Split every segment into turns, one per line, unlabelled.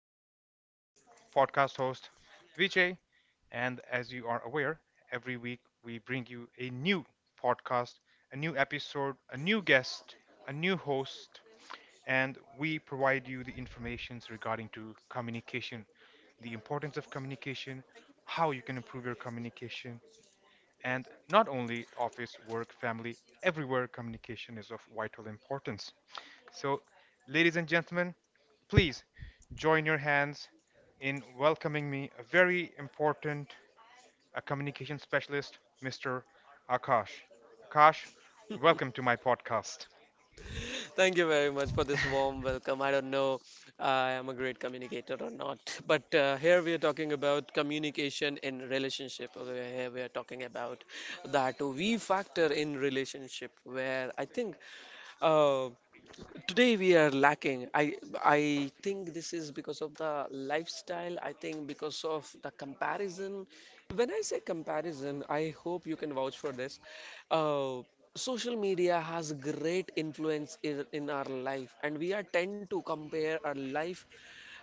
is your podcast host, Vijay. And as you are aware, every week we bring you a new podcast, a new episode, a new guest, a new host, and we provide you the informations regarding to communication, the importance of communication, how you can improve your communication, and not only office, work, family, everywhere communication is of vital importance. So, ladies and gentlemen, please join your hands in welcoming me a very important a communication specialist, Mr. Akash. Akash, welcome to my podcast.
Thank you very much for this warm welcome. I don't know I am a great communicator or not, but here we are talking about communication in relationship. Okay, here we are talking about that we factor in relationship, where I think uh, today we are lacking. I think this is because of the lifestyle. I think because of the comparison. When I say comparison, I hope you can vouch for this. uh, Social media has great influence in our life and we are tend to compare our life,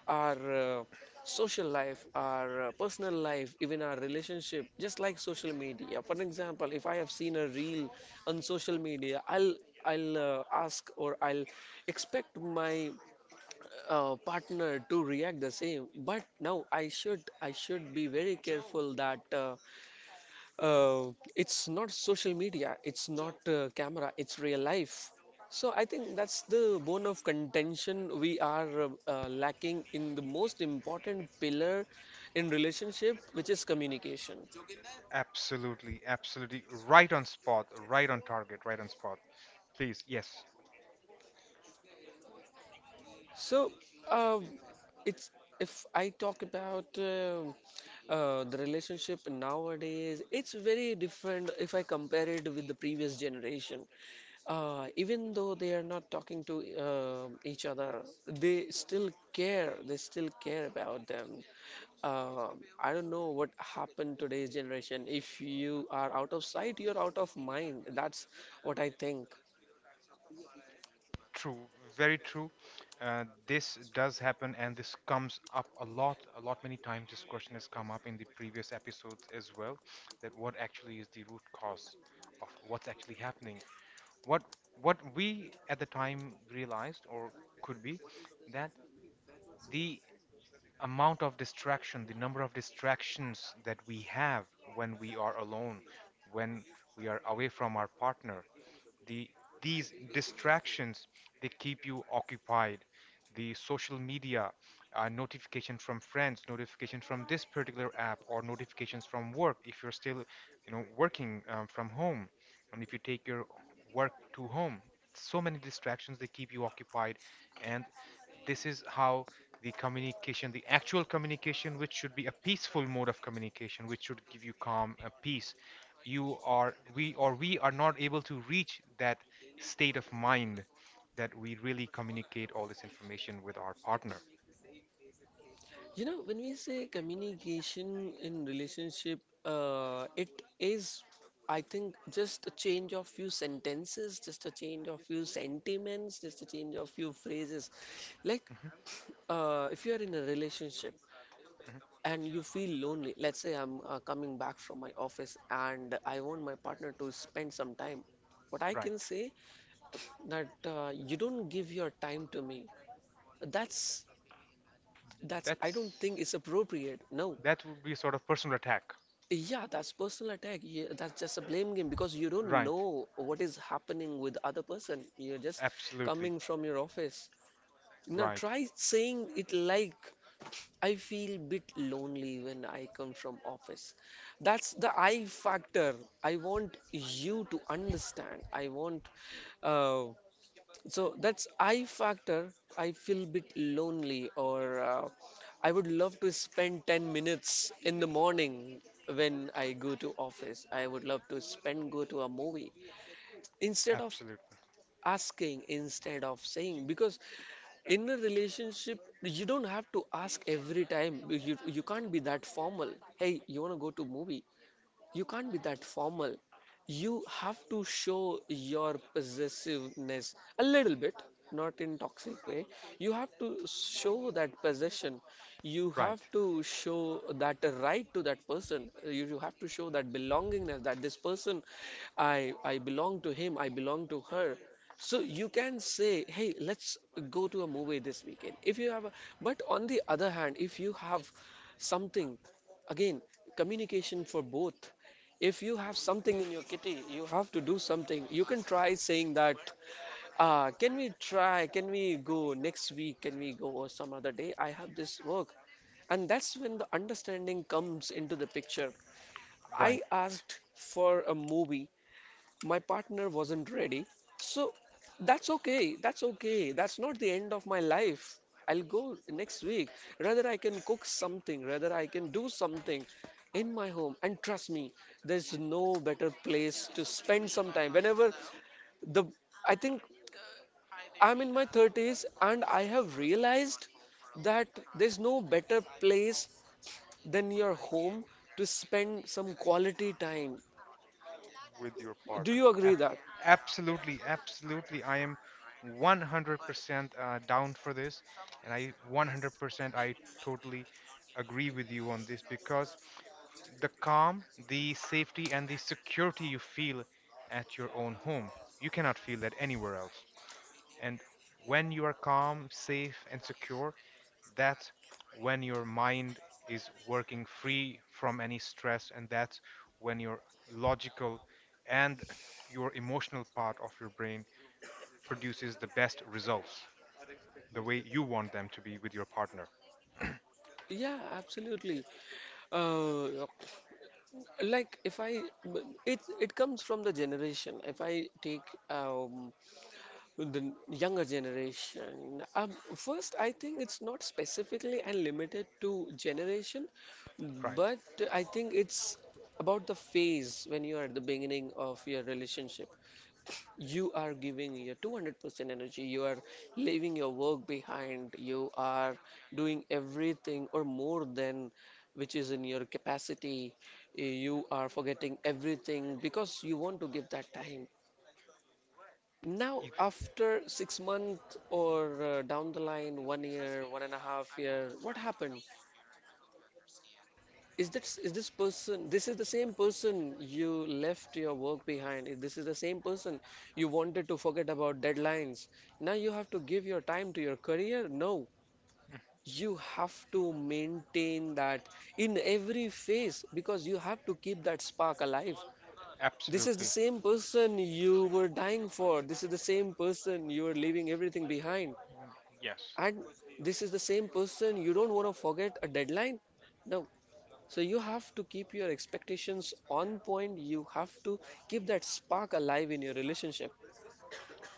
our social life, our personal life, even our relationship, just like social media. For example, if I have seen a reel on social media, I'll ask or I'll expect my partner to react the same. But now I should be very careful that. Uh, it's not social media, it's not camera, it's real life. So I think that's the bone of contention. We are lacking in the most important pillar in relationship, which is communication.
Absolutely, absolutely right on spot, right on target, right on spot. Please, yes.
So, uh, it's if I talk about the relationship nowadays, it's very different if I compare it with the previous generation. Even though they are not talking to each other, they still care. They still care about them. I don't know what happened today's generation. If you are out of sight, you're out of mind. That's what I think.
True, very true. This does happen, and this comes up a lot many times. This question has come up in the previous episodes as well, that what actually is the root cause of what's actually happening? What what we at the time realized or could be that the amount of distraction, the number of distractions that we have when we are alone, when we are away from our partner, the these distractions, they keep you occupied, the social media, notification from friends, notification from this particular app, or notifications from work if you're still, you know, working from home, and if you take your work to home, so many distractions, they keep you occupied. And this is how the communication, the actual communication, which should be a peaceful mode of communication, which should give you calm, a peace, you are we or we are not able to reach that state of mind, that we really communicate all this information with our partner.
You know, when we say communication in relationship, it is, I think, just a change of few sentences, just a change of few sentiments, just a change of few phrases. Like,
Mhm,
if you are in a relationship
mhm.
and you feel lonely, let's say I'm coming back from my office and I want my partner to spend some time. What I can
Right.
say that you don't give your time to me. That's that's I don't think
That's
it's appropriate. No,
that would be a sort of personal attack.
yeah, that's personal attack. Yeah, that's just a blame game because you don't
Right.
know what is happening with other person. You're just
Absolutely.
coming from your office. You know,
Right.
try saying it like I feel bit lonely when I come from office. That's the I factor. I want you to understand. I want uh, so that's I factor. I feel a bit lonely, or I would love to spend 10 minutes in the morning when I go to office. I would love to spend go to a movie instead of
Absolutely.
asking, instead of saying. Because in a relationship, you don't have to ask every time. You can't be that formal. Hey, you wanna go to movie? You can't be that formal. You have to show your possessiveness a little bit, not in toxic way. You have to show that possession. You have
Right.
to show that right to that person. You have to show that belongingness that this person, I belong to him. I belong to her. So you can say, hey, let's go to a movie this weekend. If you have a, but on the other hand, if you have something, again, communication for both. If you have something in your kitty, you have to do something. You can try saying that, ah, can we try? Can we go next week? Can we go or some other day? I have this work. And that's when the understanding comes into the picture.
Right.
I asked for a movie, my partner wasn't ready. So that's okay. That's okay. That's not the end of my life. I'll go next week. Rather, I can cook something. Rather, I can do something in my home. And trust me, there's no better place to spend some time. Whenever the, I think I'm in my 30s and I have realized that there's no better place than your home to spend some quality time.
with your
Do
partner.
you agree
Ab-
that?
absolutely, absolutely. I am 100% down for this, and I 100% I totally agree with you on this because the calm, the safety, and the security you feel at your own home, you cannot feel that anywhere else. And when you are calm, safe, and secure, that's when your mind is working free from any stress, and that's when your logical and your emotional part of your brain produces the best results, the way you want them to be with your partner.
Yeah, absolutely. Uh, like, if I, it comes from the generation. If I take um, the younger generation, first I think it's not specifically and limited to generation,
Right.
but I think it's about the phase when you are at the beginning of your relationship. You are giving your 200% energy. You are leaving your work behind. You are doing everything or more than which is in your capacity. You are forgetting everything because you want to give that time. Now
You.
after 6 months or down the line, one year, 1.5 year, what happened? Is this person? This is the same person you left your work behind. This is the same person you wanted to forget about deadlines. Now you have to give your time to your career. No, you have to maintain that in every phase because you have to keep that spark alive. This is the
Absolutely.
same person you were dying for. This is the same person you were leaving everything behind.
Mm. Yes.
And this is the same person you don't want to forget a deadline. No, so you have to keep your expectations on point. You have to keep that spark alive in your relationship.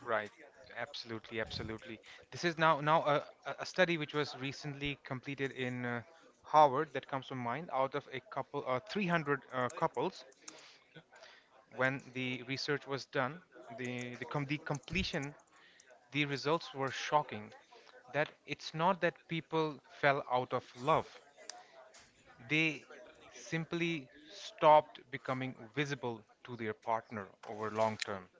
Right. Absolutely, absolutely. This is now now a study which was recently completed in Harvard that comes to mind out of a couple 300 couples. Okay. When the research was done, the completion, the results were shocking. That it's not that people fell out of love. They simply stopped becoming visible to their partner over long term.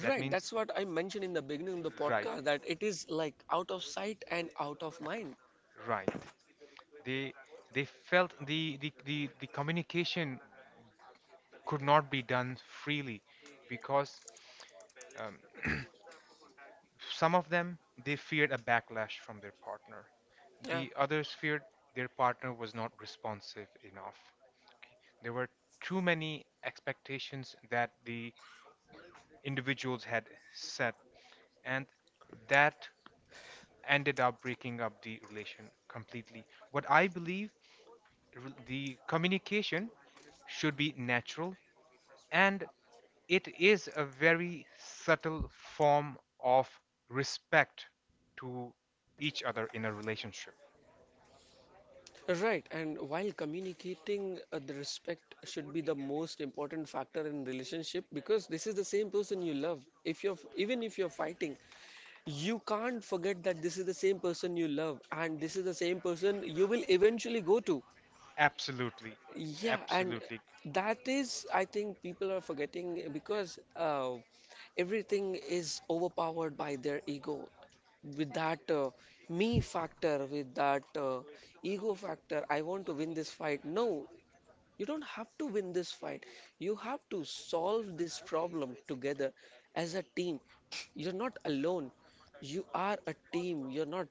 That
Right,
means
that's what I mentioned in the beginning of the
right.
podcast that it is like out of sight and out of
at-
mind.
Right. They they felt the communication could not be done freely because um, some of them, they feared a backlash from their partner.
Yeah.
The others feared their partner was not responsive enough. There were too many expectations that the individuals had set, and that ended up breaking up the relation completely. What I believe, the communication should be natural. And it is a very subtle form of respect to each other in a relationship.
Right, and while communicating, the respect should be the most important factor in relationship because this is the same person you love. If you're even if you're fighting, you can't forget that this is the same person you love and this is the same person you will eventually go to.
Absolutely,
Yeah, and
absolutely
that is, I think, people are forgetting because everything is overpowered by their ego. With that me factor, with that ego factor, I want to win this fight. No, you don't have to win this fight. You have to solve this problem together as a team. You're not alone. You are a team. You're not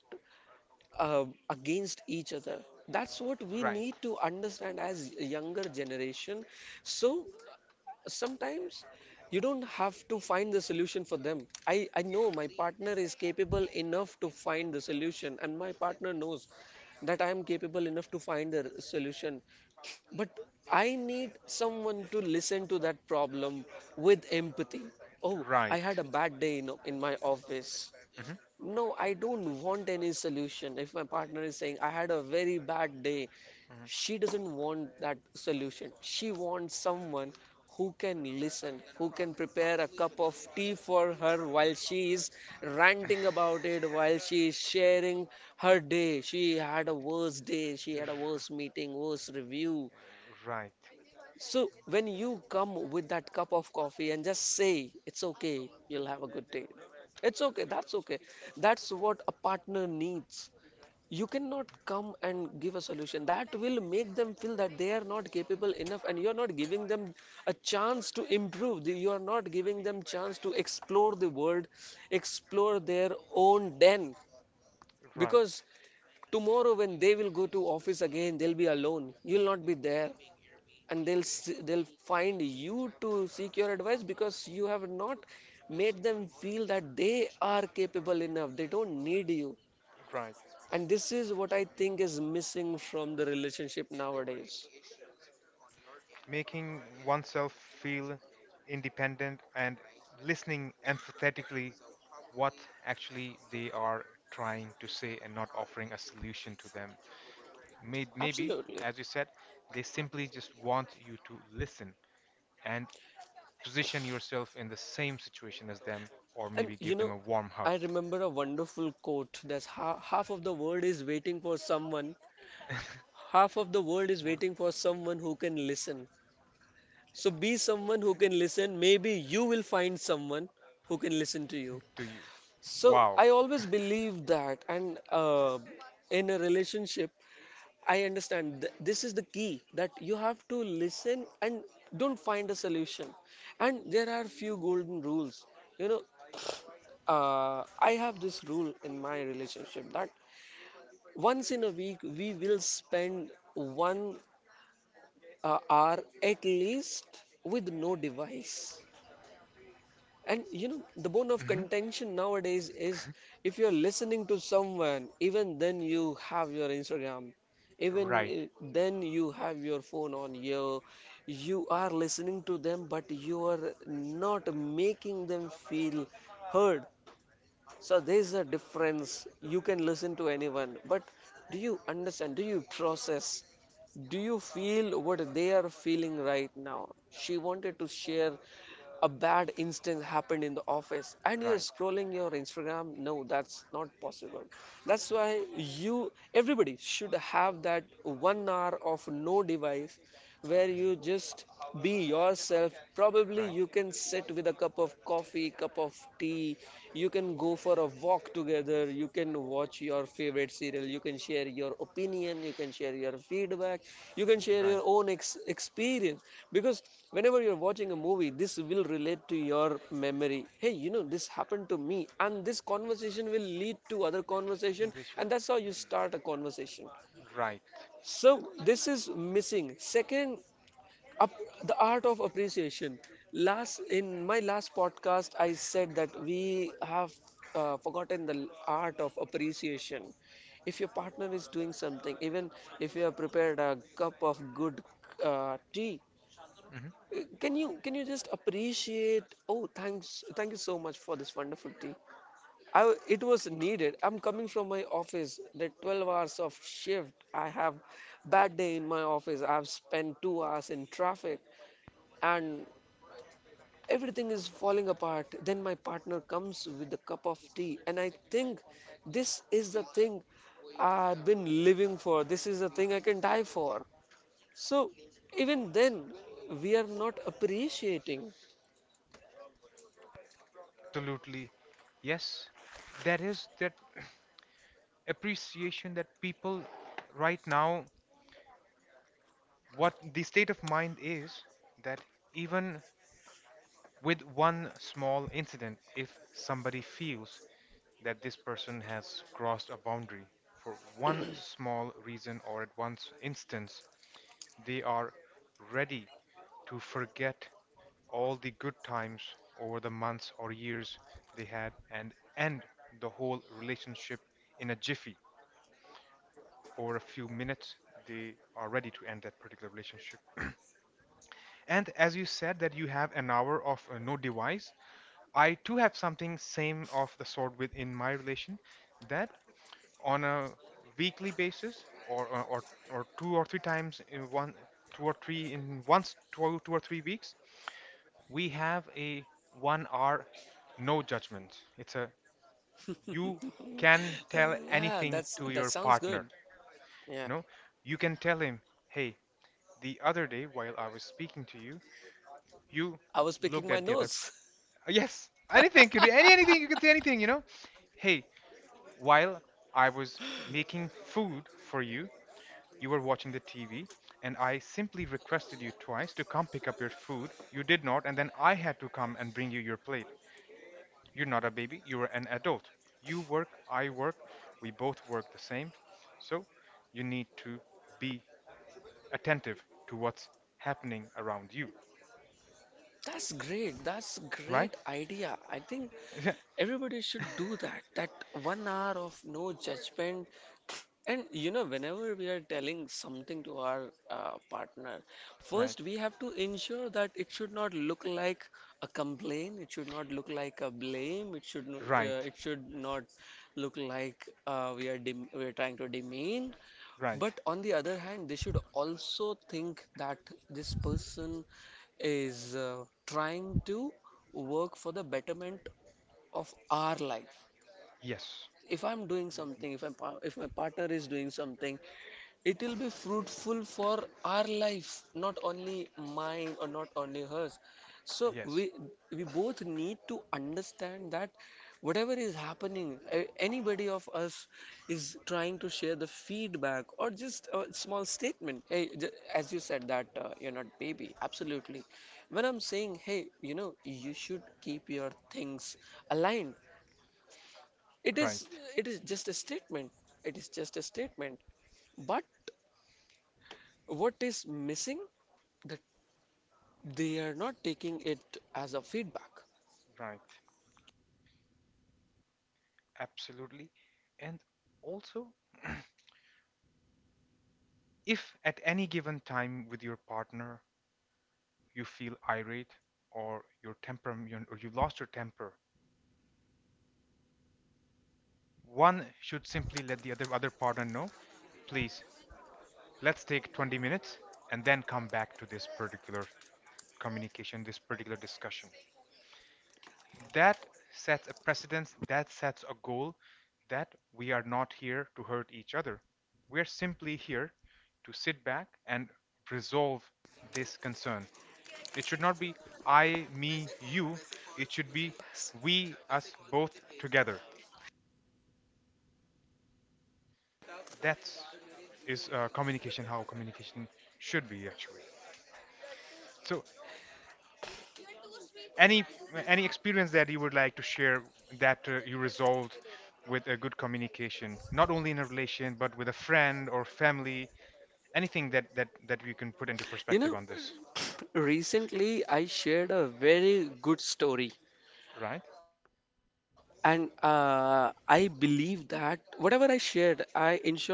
against each other. That's what we
right,
need to understand as younger generation. So sometimes you don't have to find the solution for them. I know my partner is capable enough to find the solution and my partner knows that I am capable enough to find the solution. But I need someone to listen to that problem with empathy. Oh, I had
right.
a bad day in my office.
Hmm.
No, I don't want any solution. If my partner is saying, I had a very bad day,
Hmm.
she doesn't want that solution. She wants someone who can listen, who can prepare a cup of tea for her while she is ranting about it, while she is sharing her day. She had a worse day, she
R-
had a
uh,
worse meeting, worse review.
Right,
So when you come with that cup of coffee and just say, it's okay, you'll have a good day. It's okay. That's what a partner needs. You cannot come and give a solution. That will make them feel that they are not capable enough and you're not giving them a chance to improve. You are not giving them chance to explore the world, explore their own den.
right,
Because tomorrow when they will go to office again, they'll be alone. You'll not be there and
eh,
they'll find you to seek your advice because you have not made them feel that they are capable enough they don't need you.
right.
And this is what I think is missing from the relationship nowadays.
Making oneself feel independent and listening empathetically what actually they are trying to say and not offering a solution to them. Maybe,
Absolutely.
as you said, they simply just want you to listen and position yourself in the same situation as them, or
And
maybe
you
give them
know,
a warm
I
hug.
remember a wonderful quote that half of the world is waiting for someone, half of the world is
Well,
waiting for someone who can listen. So be someone who can listen. Maybe you will find someone who can listen to you.
to you.
So
Wow.
I always believe that, and in a relationship, I understand this is the key that you have to listen and don't find a solution. And there are few golden rules. You know, I have this rule in my relationship that once in a week we will spend one hour at least with no device. And you know, the bone of
Hmm.
contention nowadays is if you're listening to someone, even then you have your Instagram, even
Right,
i- then you have your phone on you, you are listening to them, but you are not making them feel heard. So there is a difference. You can listen to anyone, but do you understand? Do you process? Do you feel what they are feeling right now? She wanted to share a bad instance happened in the office and you're
right,
scrolling your Instagram. No, that's not possible. That's why you everybody should have that 1 hour of no device where you
mhm,
just be yourself. Probably
right,
you can sit with a cup of coffee, cup of tea, you can go for a walk together, you can watch your favorite serial, you can share your opinion, you can share your feedback, you can share
right.
your own experience. Because whenever you're watching a movie, this will relate to your memory. Hey, this happened to me, and this conversation will lead to other conversation,
Position.
and that's how you start a conversation.
Right.
So this is missing second up, the art of appreciation. Last in my last podcast, I said that we have forgotten the art of appreciation. If your partner is doing something, even if you have prepared a cup of good tea,
Hmm.
can you just appreciate? Oh, thanks, thank you so much for this wonderful tea. It was needed. I'm coming from my office. The 12 hours of shift. I have bad day in my office. I've spent 2 hours in traffic, and everything is falling apart. Then my partner comes with a cup of tea, and I think this is the thing I've been living for. This is the thing I can die for. So even then we are not appreciating.
Absolutely. Yes. That appreciation that people right now, what the state of mind is, that even with one small incident, if somebody feels that this person has crossed a boundary. For one small reason or at one instance, they are ready to forget all the good times over the months or years they had and end the whole relationship in a jiffy. Over a few minutes, they are ready to end that particular relationship. And as you said that you have an hour of no device, I too have something same of the sort within my relation, that on a weekly basis or two or three times in one two or three in once two, two or three weeks, we have a one hour no judgment. It's a, you can
Uh,
tell
yeah,
anything
that's,
to
that
your
sounds good.
partner, you
Yeah,
know. You can tell him, hey, the other day while I was speaking to you, you
I was picking
looked
my
at the other.
nose.
Yes, anything you do, any anything you can say, anything, you know. Hey, while I was making food for you, you were watching the TV, and I simply requested you twice to come pick up your food. You did not, and then I had to come and bring you your plate. You're not a baby, you're an adult. You work, I work, we both work the same. So you need to be attentive to what's happening around you,
That's great. That's
right?
great idea. I think everybody should do that. That 1 hour of no judgment. And whenever we are telling something to our partner,
Right,
first we have to ensure that it should not look like a complaint. It should not look like a blame. It should no,
right,
it should not look like we are trying to demean.
right.
But on the other hand, they should also think that this person is trying to work for the betterment of our life.
Yes,
If I'm doing something, if I'm, pa- If my partner is doing something, it will be fruitful for our life, not only mine or not only hers. So
yes,
we both need to understand that whatever is happening, anybody of us is trying to share the feedback or just a small statement. Hey, as you said that you're not baby. Absolutely. When I'm saying, hey, you should keep your things aligned. It is
right,
it is just a statement. It is just a statement. But what is missing? That they are not taking it as a feedback.
right. Absolutely. And also, if at any given time with your partner you feel irate or your temper or you lost your temper, one should simply let the other partner know, please, let's take 20 minutes and then come back to this particular communication, this particular discussion. That sets a precedence, that sets a goal that we are not here to hurt each other. We're simply here to sit back and resolve this concern. It should not be I, me, you. It should be we, us both together. That's is communication how communication should be actually. So any any experience that you would like to share that you resolved with a good communication, not only in a relation but with a friend or family, anything that we can put into
You
perspective
know,
on this,
recently I shared a very good story,
right?
and I believe that whatever I shared, I ensure that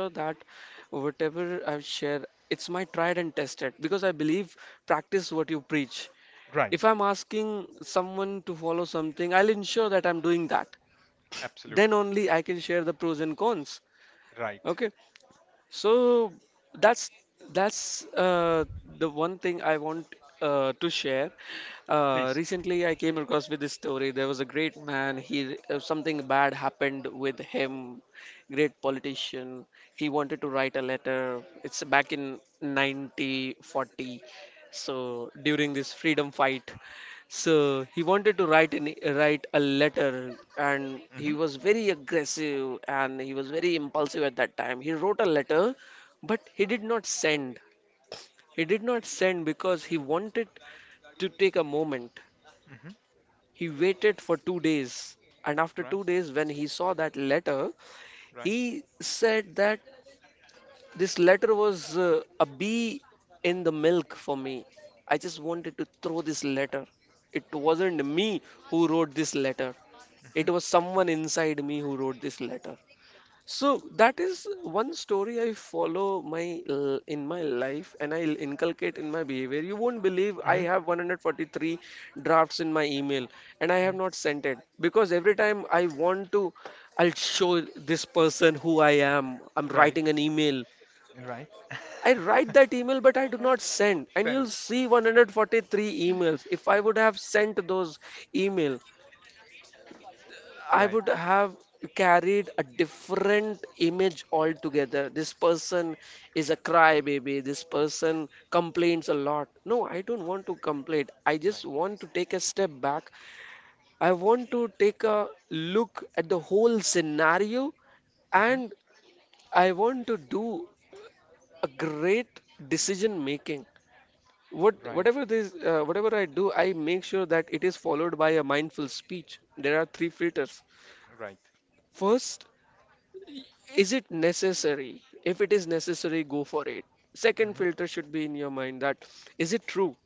whatever I share, it's my tried and tested, because I believe practice what you preach. If
Right.
I'm asking someone to follow something, I'll ensure that I'm doing that. Then
Absolutely.
only I can share the pros and cons.
Right.
Okay, so that's that's the one thing I want to share.
Please.
Recently, I came across with this story. There was a great man. He something bad happened with him. Great politician. He wanted to write a letter. It's back in 1940. So during this freedom fight, so he wanted to write an, write a letter, and he
Mhm.
was very aggressive and he was very impulsive at that time. He wrote a letter, but he did not send. He did not send because he wanted to take a moment.
Mhm.
He waited for 2 days, and after
Right.
2 days, when he saw that letter,
Right.
he said that this letter was a bee in the milk for me. I just wanted to throw this letter. It wasn't me who wrote this letter. It
Mhm.
was someone inside me who wrote this letter. So that is one story I follow in my life and I'll inculcate in my behavior. You won't believe I
Mhm.
have 143 drafts in my email, and I have
Mhm.
not sent it because every time I want to, I'll show this person who I am. I'm
Right.
writing an email.
Right.
I write that email, but I do
Eh?
not send. And you'll
Send.
see 143 emails. If I would have sent those email, I
Right.
would have carried a different image altogether. This person is a crybaby. This person complains a lot. No, I don't want to complain. I just
Right.
want to take a step back. I want to take a look at the whole scenario,
Mhm.
and I want to do a great decision making. what
Right.
whatever this uh, whatever I do, I make sure that it is followed by a mindful speech. There are three filters.
Right.
First, is it necessary? If it is necessary, go for it. Second
Mhm.
filter should be in your mind, that is it true?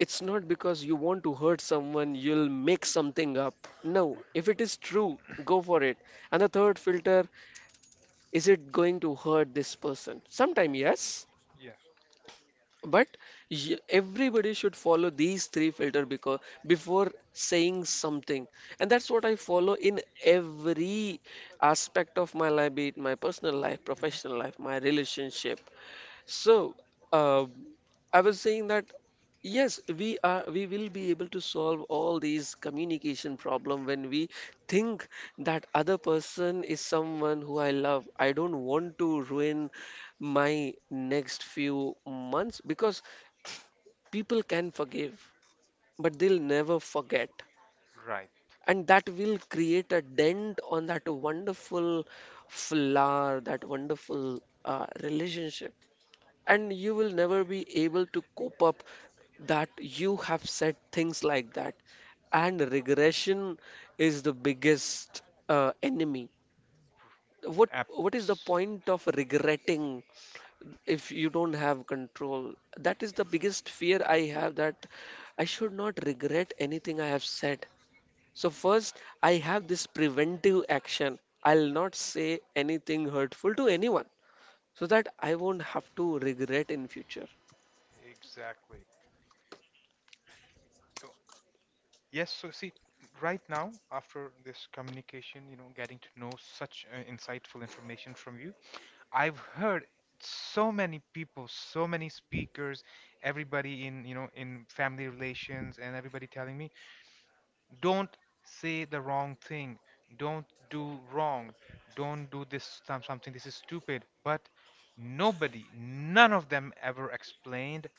It's not because you want to hurt someone you'll make something up. No, if it is true, go for it. And the third filter, is it going to hurt this person? Sometime yes,
Yes.
but everybody should follow these three filter, because before saying something, and that's what I follow in every aspect of my life, be it my personal life,
Mhm.
professional life, my relationship. So, uh, I was saying that yes, we will be able to solve all these communication problem when we think that other person is someone who I love. I don't want to ruin my next few months, because people can forgive, but they'll never forget.
Right.
And that will create a dent on that wonderful flower, that wonderful relationship, and you will never be able to cope up that you have said things like that. And regression is the biggest enemy. What is
Apps.
the point of regretting if you don't have control? That is the biggest fear I have, that I should not regret anything I have said. So first I have this preventive action, I'll not say anything hurtful to anyone, so that I won't have to regret in future.
Exactly. So, yes, so see, right now, after this communication, you know, getting to know such insightful information from you, I've heard so many people, so many speakers, everybody in, you know, in family relations and everybody telling me, don't say the wrong thing, don't do wrong, don't do something, this is stupid. But nobody, none of them ever explained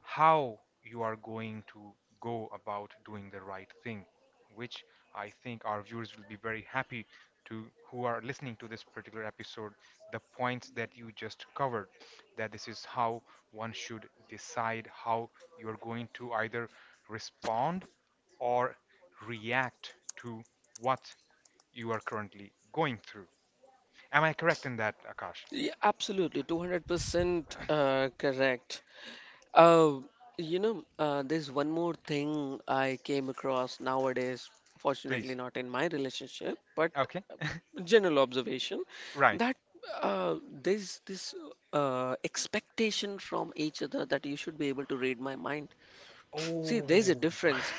how you are going to go about doing the right thing, which I think our viewers will be very happy to, who are listening to this particular episode, the points that you just covered, that this is how one should decide how you're going to either respond or react to what you are currently going through. Am I correct in that, Akash?
Yeah, absolutely, 200% correct. Uh, you know, there's one more thing I came across nowadays, fortunately,
Please.
not in my relationship, but
Okay.
general observation
Right.
that uh, there's this expectation from each other that you should be able to read my mind. See, there's a
Oh.
difference.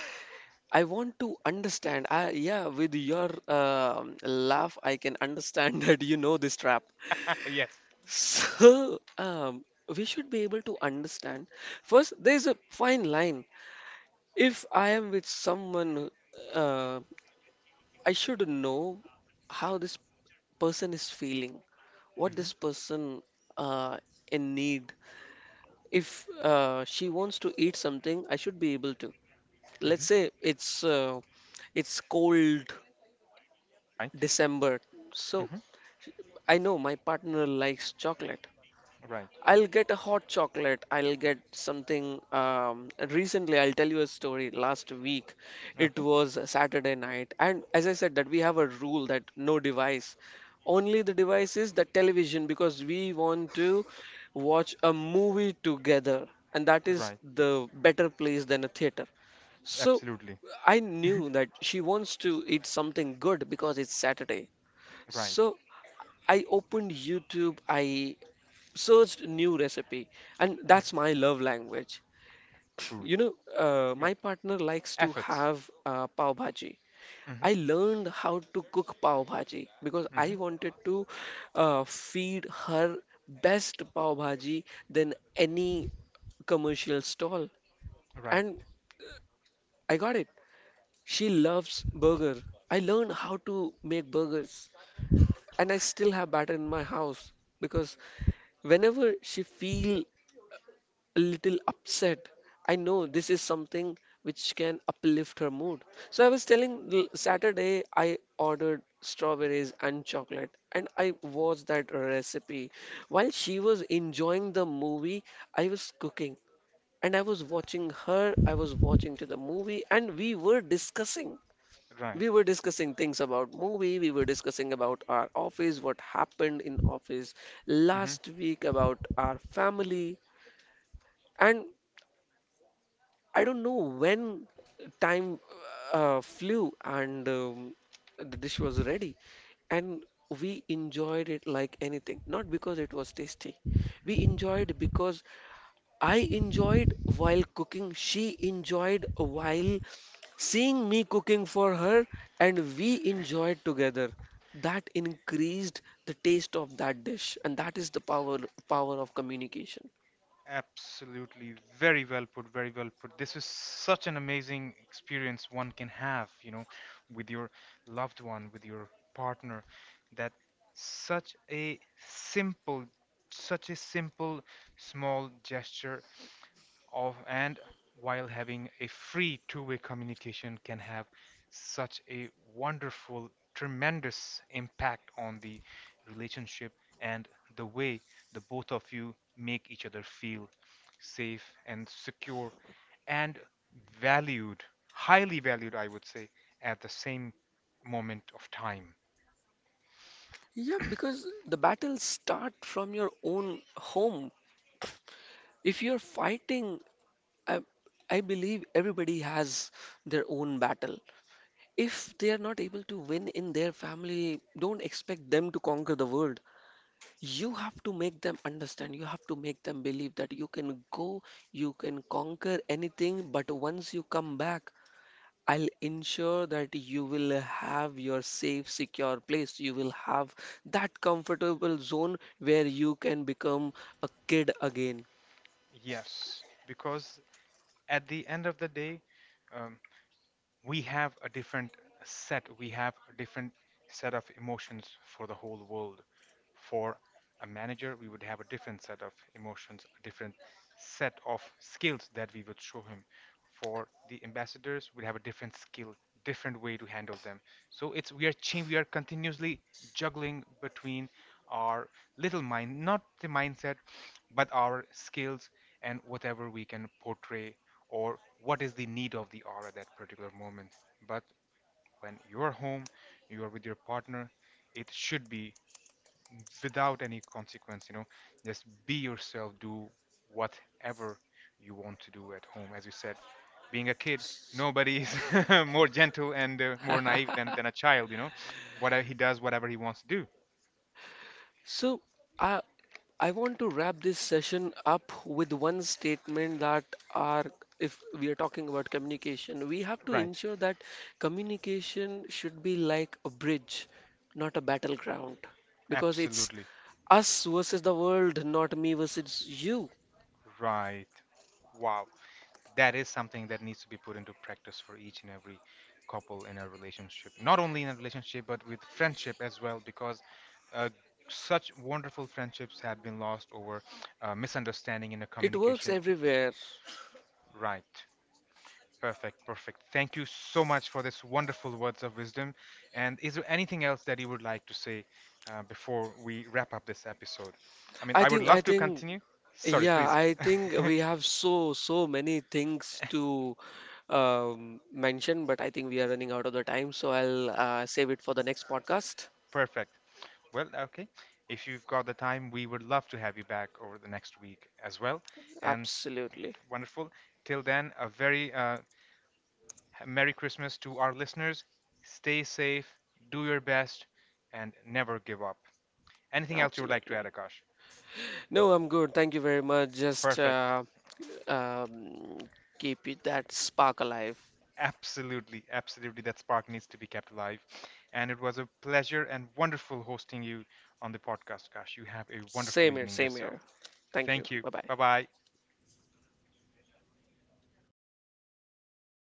I want to understand. Yeah, with your laugh, I can understand that you know this trap.
Yes.
So, we should be able to understand. First, there's a fine line. If I am with someone, uh, I should know how this person is feeling, what
Mm-hmm.
this person uh, in need. If she wants to eat something, I should be able to. Let's
Mm-hmm.
say it's cold
Right.
December, so
Mm-hmm.
I know my partner likes chocolate.
Right.
I'll get a hot chocolate. I'll get something. Recently, I'll tell you a story. Last week, it
Okay.
was a Saturday night, and as I said, that we have a rule that no device, only the device is the television, because we want to watch a movie together, and that is
Right.
the better place than a theater. So
Absolutely.
I knew that she wants to eat something good because it's Saturday.
Right.
So I opened YouTube. I searched new recipe, and
Mhm.
that's my love language. you
Food.
know
Yeah.
my partner likes to
Efforts.
have pav bhaji.
Mm-hmm.
I learned how to cook pav bhaji because I
Mm-hmm.
wanted to feed her best pav bhaji than any commercial stall.
Right.
And I got it. She loves burger. I learned how to make burgers, and I still have batter in my house, because whenever she feel a little upset, I know this is something which can uplift her mood. So I was telling Saturday I ordered strawberries and chocolate, and I watched that recipe. While she was enjoying the movie, I was cooking, and I was watching her, I was watching to the movie, and we were discussing.
Right.
We were discussing things about movie, we were discussing about our office, what happened in office
Mm-hmm.
last week, about our family. And I don't know when time flew, and the dish was ready, and we enjoyed it like anything. Not because it was tasty, we enjoyed because I enjoyed while cooking, she enjoyed while seeing me cooking for her, and we enjoyed together. That increased the taste of that dish, and that is the power of communication.
Absolutely. Very well put. Very well put. This is such an amazing experience one can have, you know, with your loved one, with your partner, that such a simple, such a simple, small gesture of, and while having a free two-way communication, can have such a wonderful tremendous impact on the relationship and the way the both of you make each other feel safe and secure and valued, highly valued I would say, at the same moment of time.
Yeah, because the battle start from your own home. If you're fighting, I, I believe everybody has their own battle. If they are not able to win in their family, don't expect them to conquer the world. You have to make them understand. You have to make them believe that you can go, you can conquer anything, but once you come back, I'll ensure that you will have your safe, secure place. You will have that comfortable zone where you can become a kid again.
Yes, because at the end of the day, um, we have a different set, we have a different set of emotions for the whole world. For a manager we would have a different set of emotions, a different set of skills that we would show him. For the ambassadors we have a different skill, different way to handle them. So it's, we are changing, we are continuously juggling between our little mind, not the mindset but our skills, and whatever we can portray, or what is the need of the hour at that particular moment. But when you're home, you are with your partner, it should be without any consequence, you know, just be yourself, do whatever you want to do at home. As you said, being a kid, nobody is more gentle and more naive than a child, you know, whatever he does, whatever he wants to do.
So, I I want to wrap this session up with one statement, that are if we are talking about communication, we have to
Right,
ensure that communication should be like a bridge, not a battleground. Because it's
absolutely.
us versus the world, not me versus you.
Right. Wow. That is something that needs to be put into practice for each and every couple in a relationship, not only in a relationship but with friendship as well, because uh, such wonderful friendships have been lost over misunderstanding in a
It works
communication.
everywhere.
Right. Perfect, perfect. Thank you so much for this wonderful words of wisdom. And is there anything else that you would like to say before we wrap up this episode? I mean,
I
I would
think I
love to
think
continue. Sorry,
yeah,
please.
I think we have so many things to mention, but I think we are running out of the time, so I'll save it for the next podcast.
Perfect. Well, okay. If you've got the time, we would love to have you back over the next week as well. And
Absolutely,
wonderful. Till then, a very Merry Christmas to our listeners. Stay safe, do your best, and never give up. Anything else you would like to add,
absolutely.
Akash?
No, I'm good. Thank you very much. Just
Perfect.
um, keep it that spark alive.
Absolutely, absolutely. That spark needs to be kept alive. And it was a pleasure and wonderful hosting you on the podcast, Akash. You have a wonderful
Same here,
evening
same
yourself.
here. Thank you.
Thank you.
Bye bye.
Bye bye.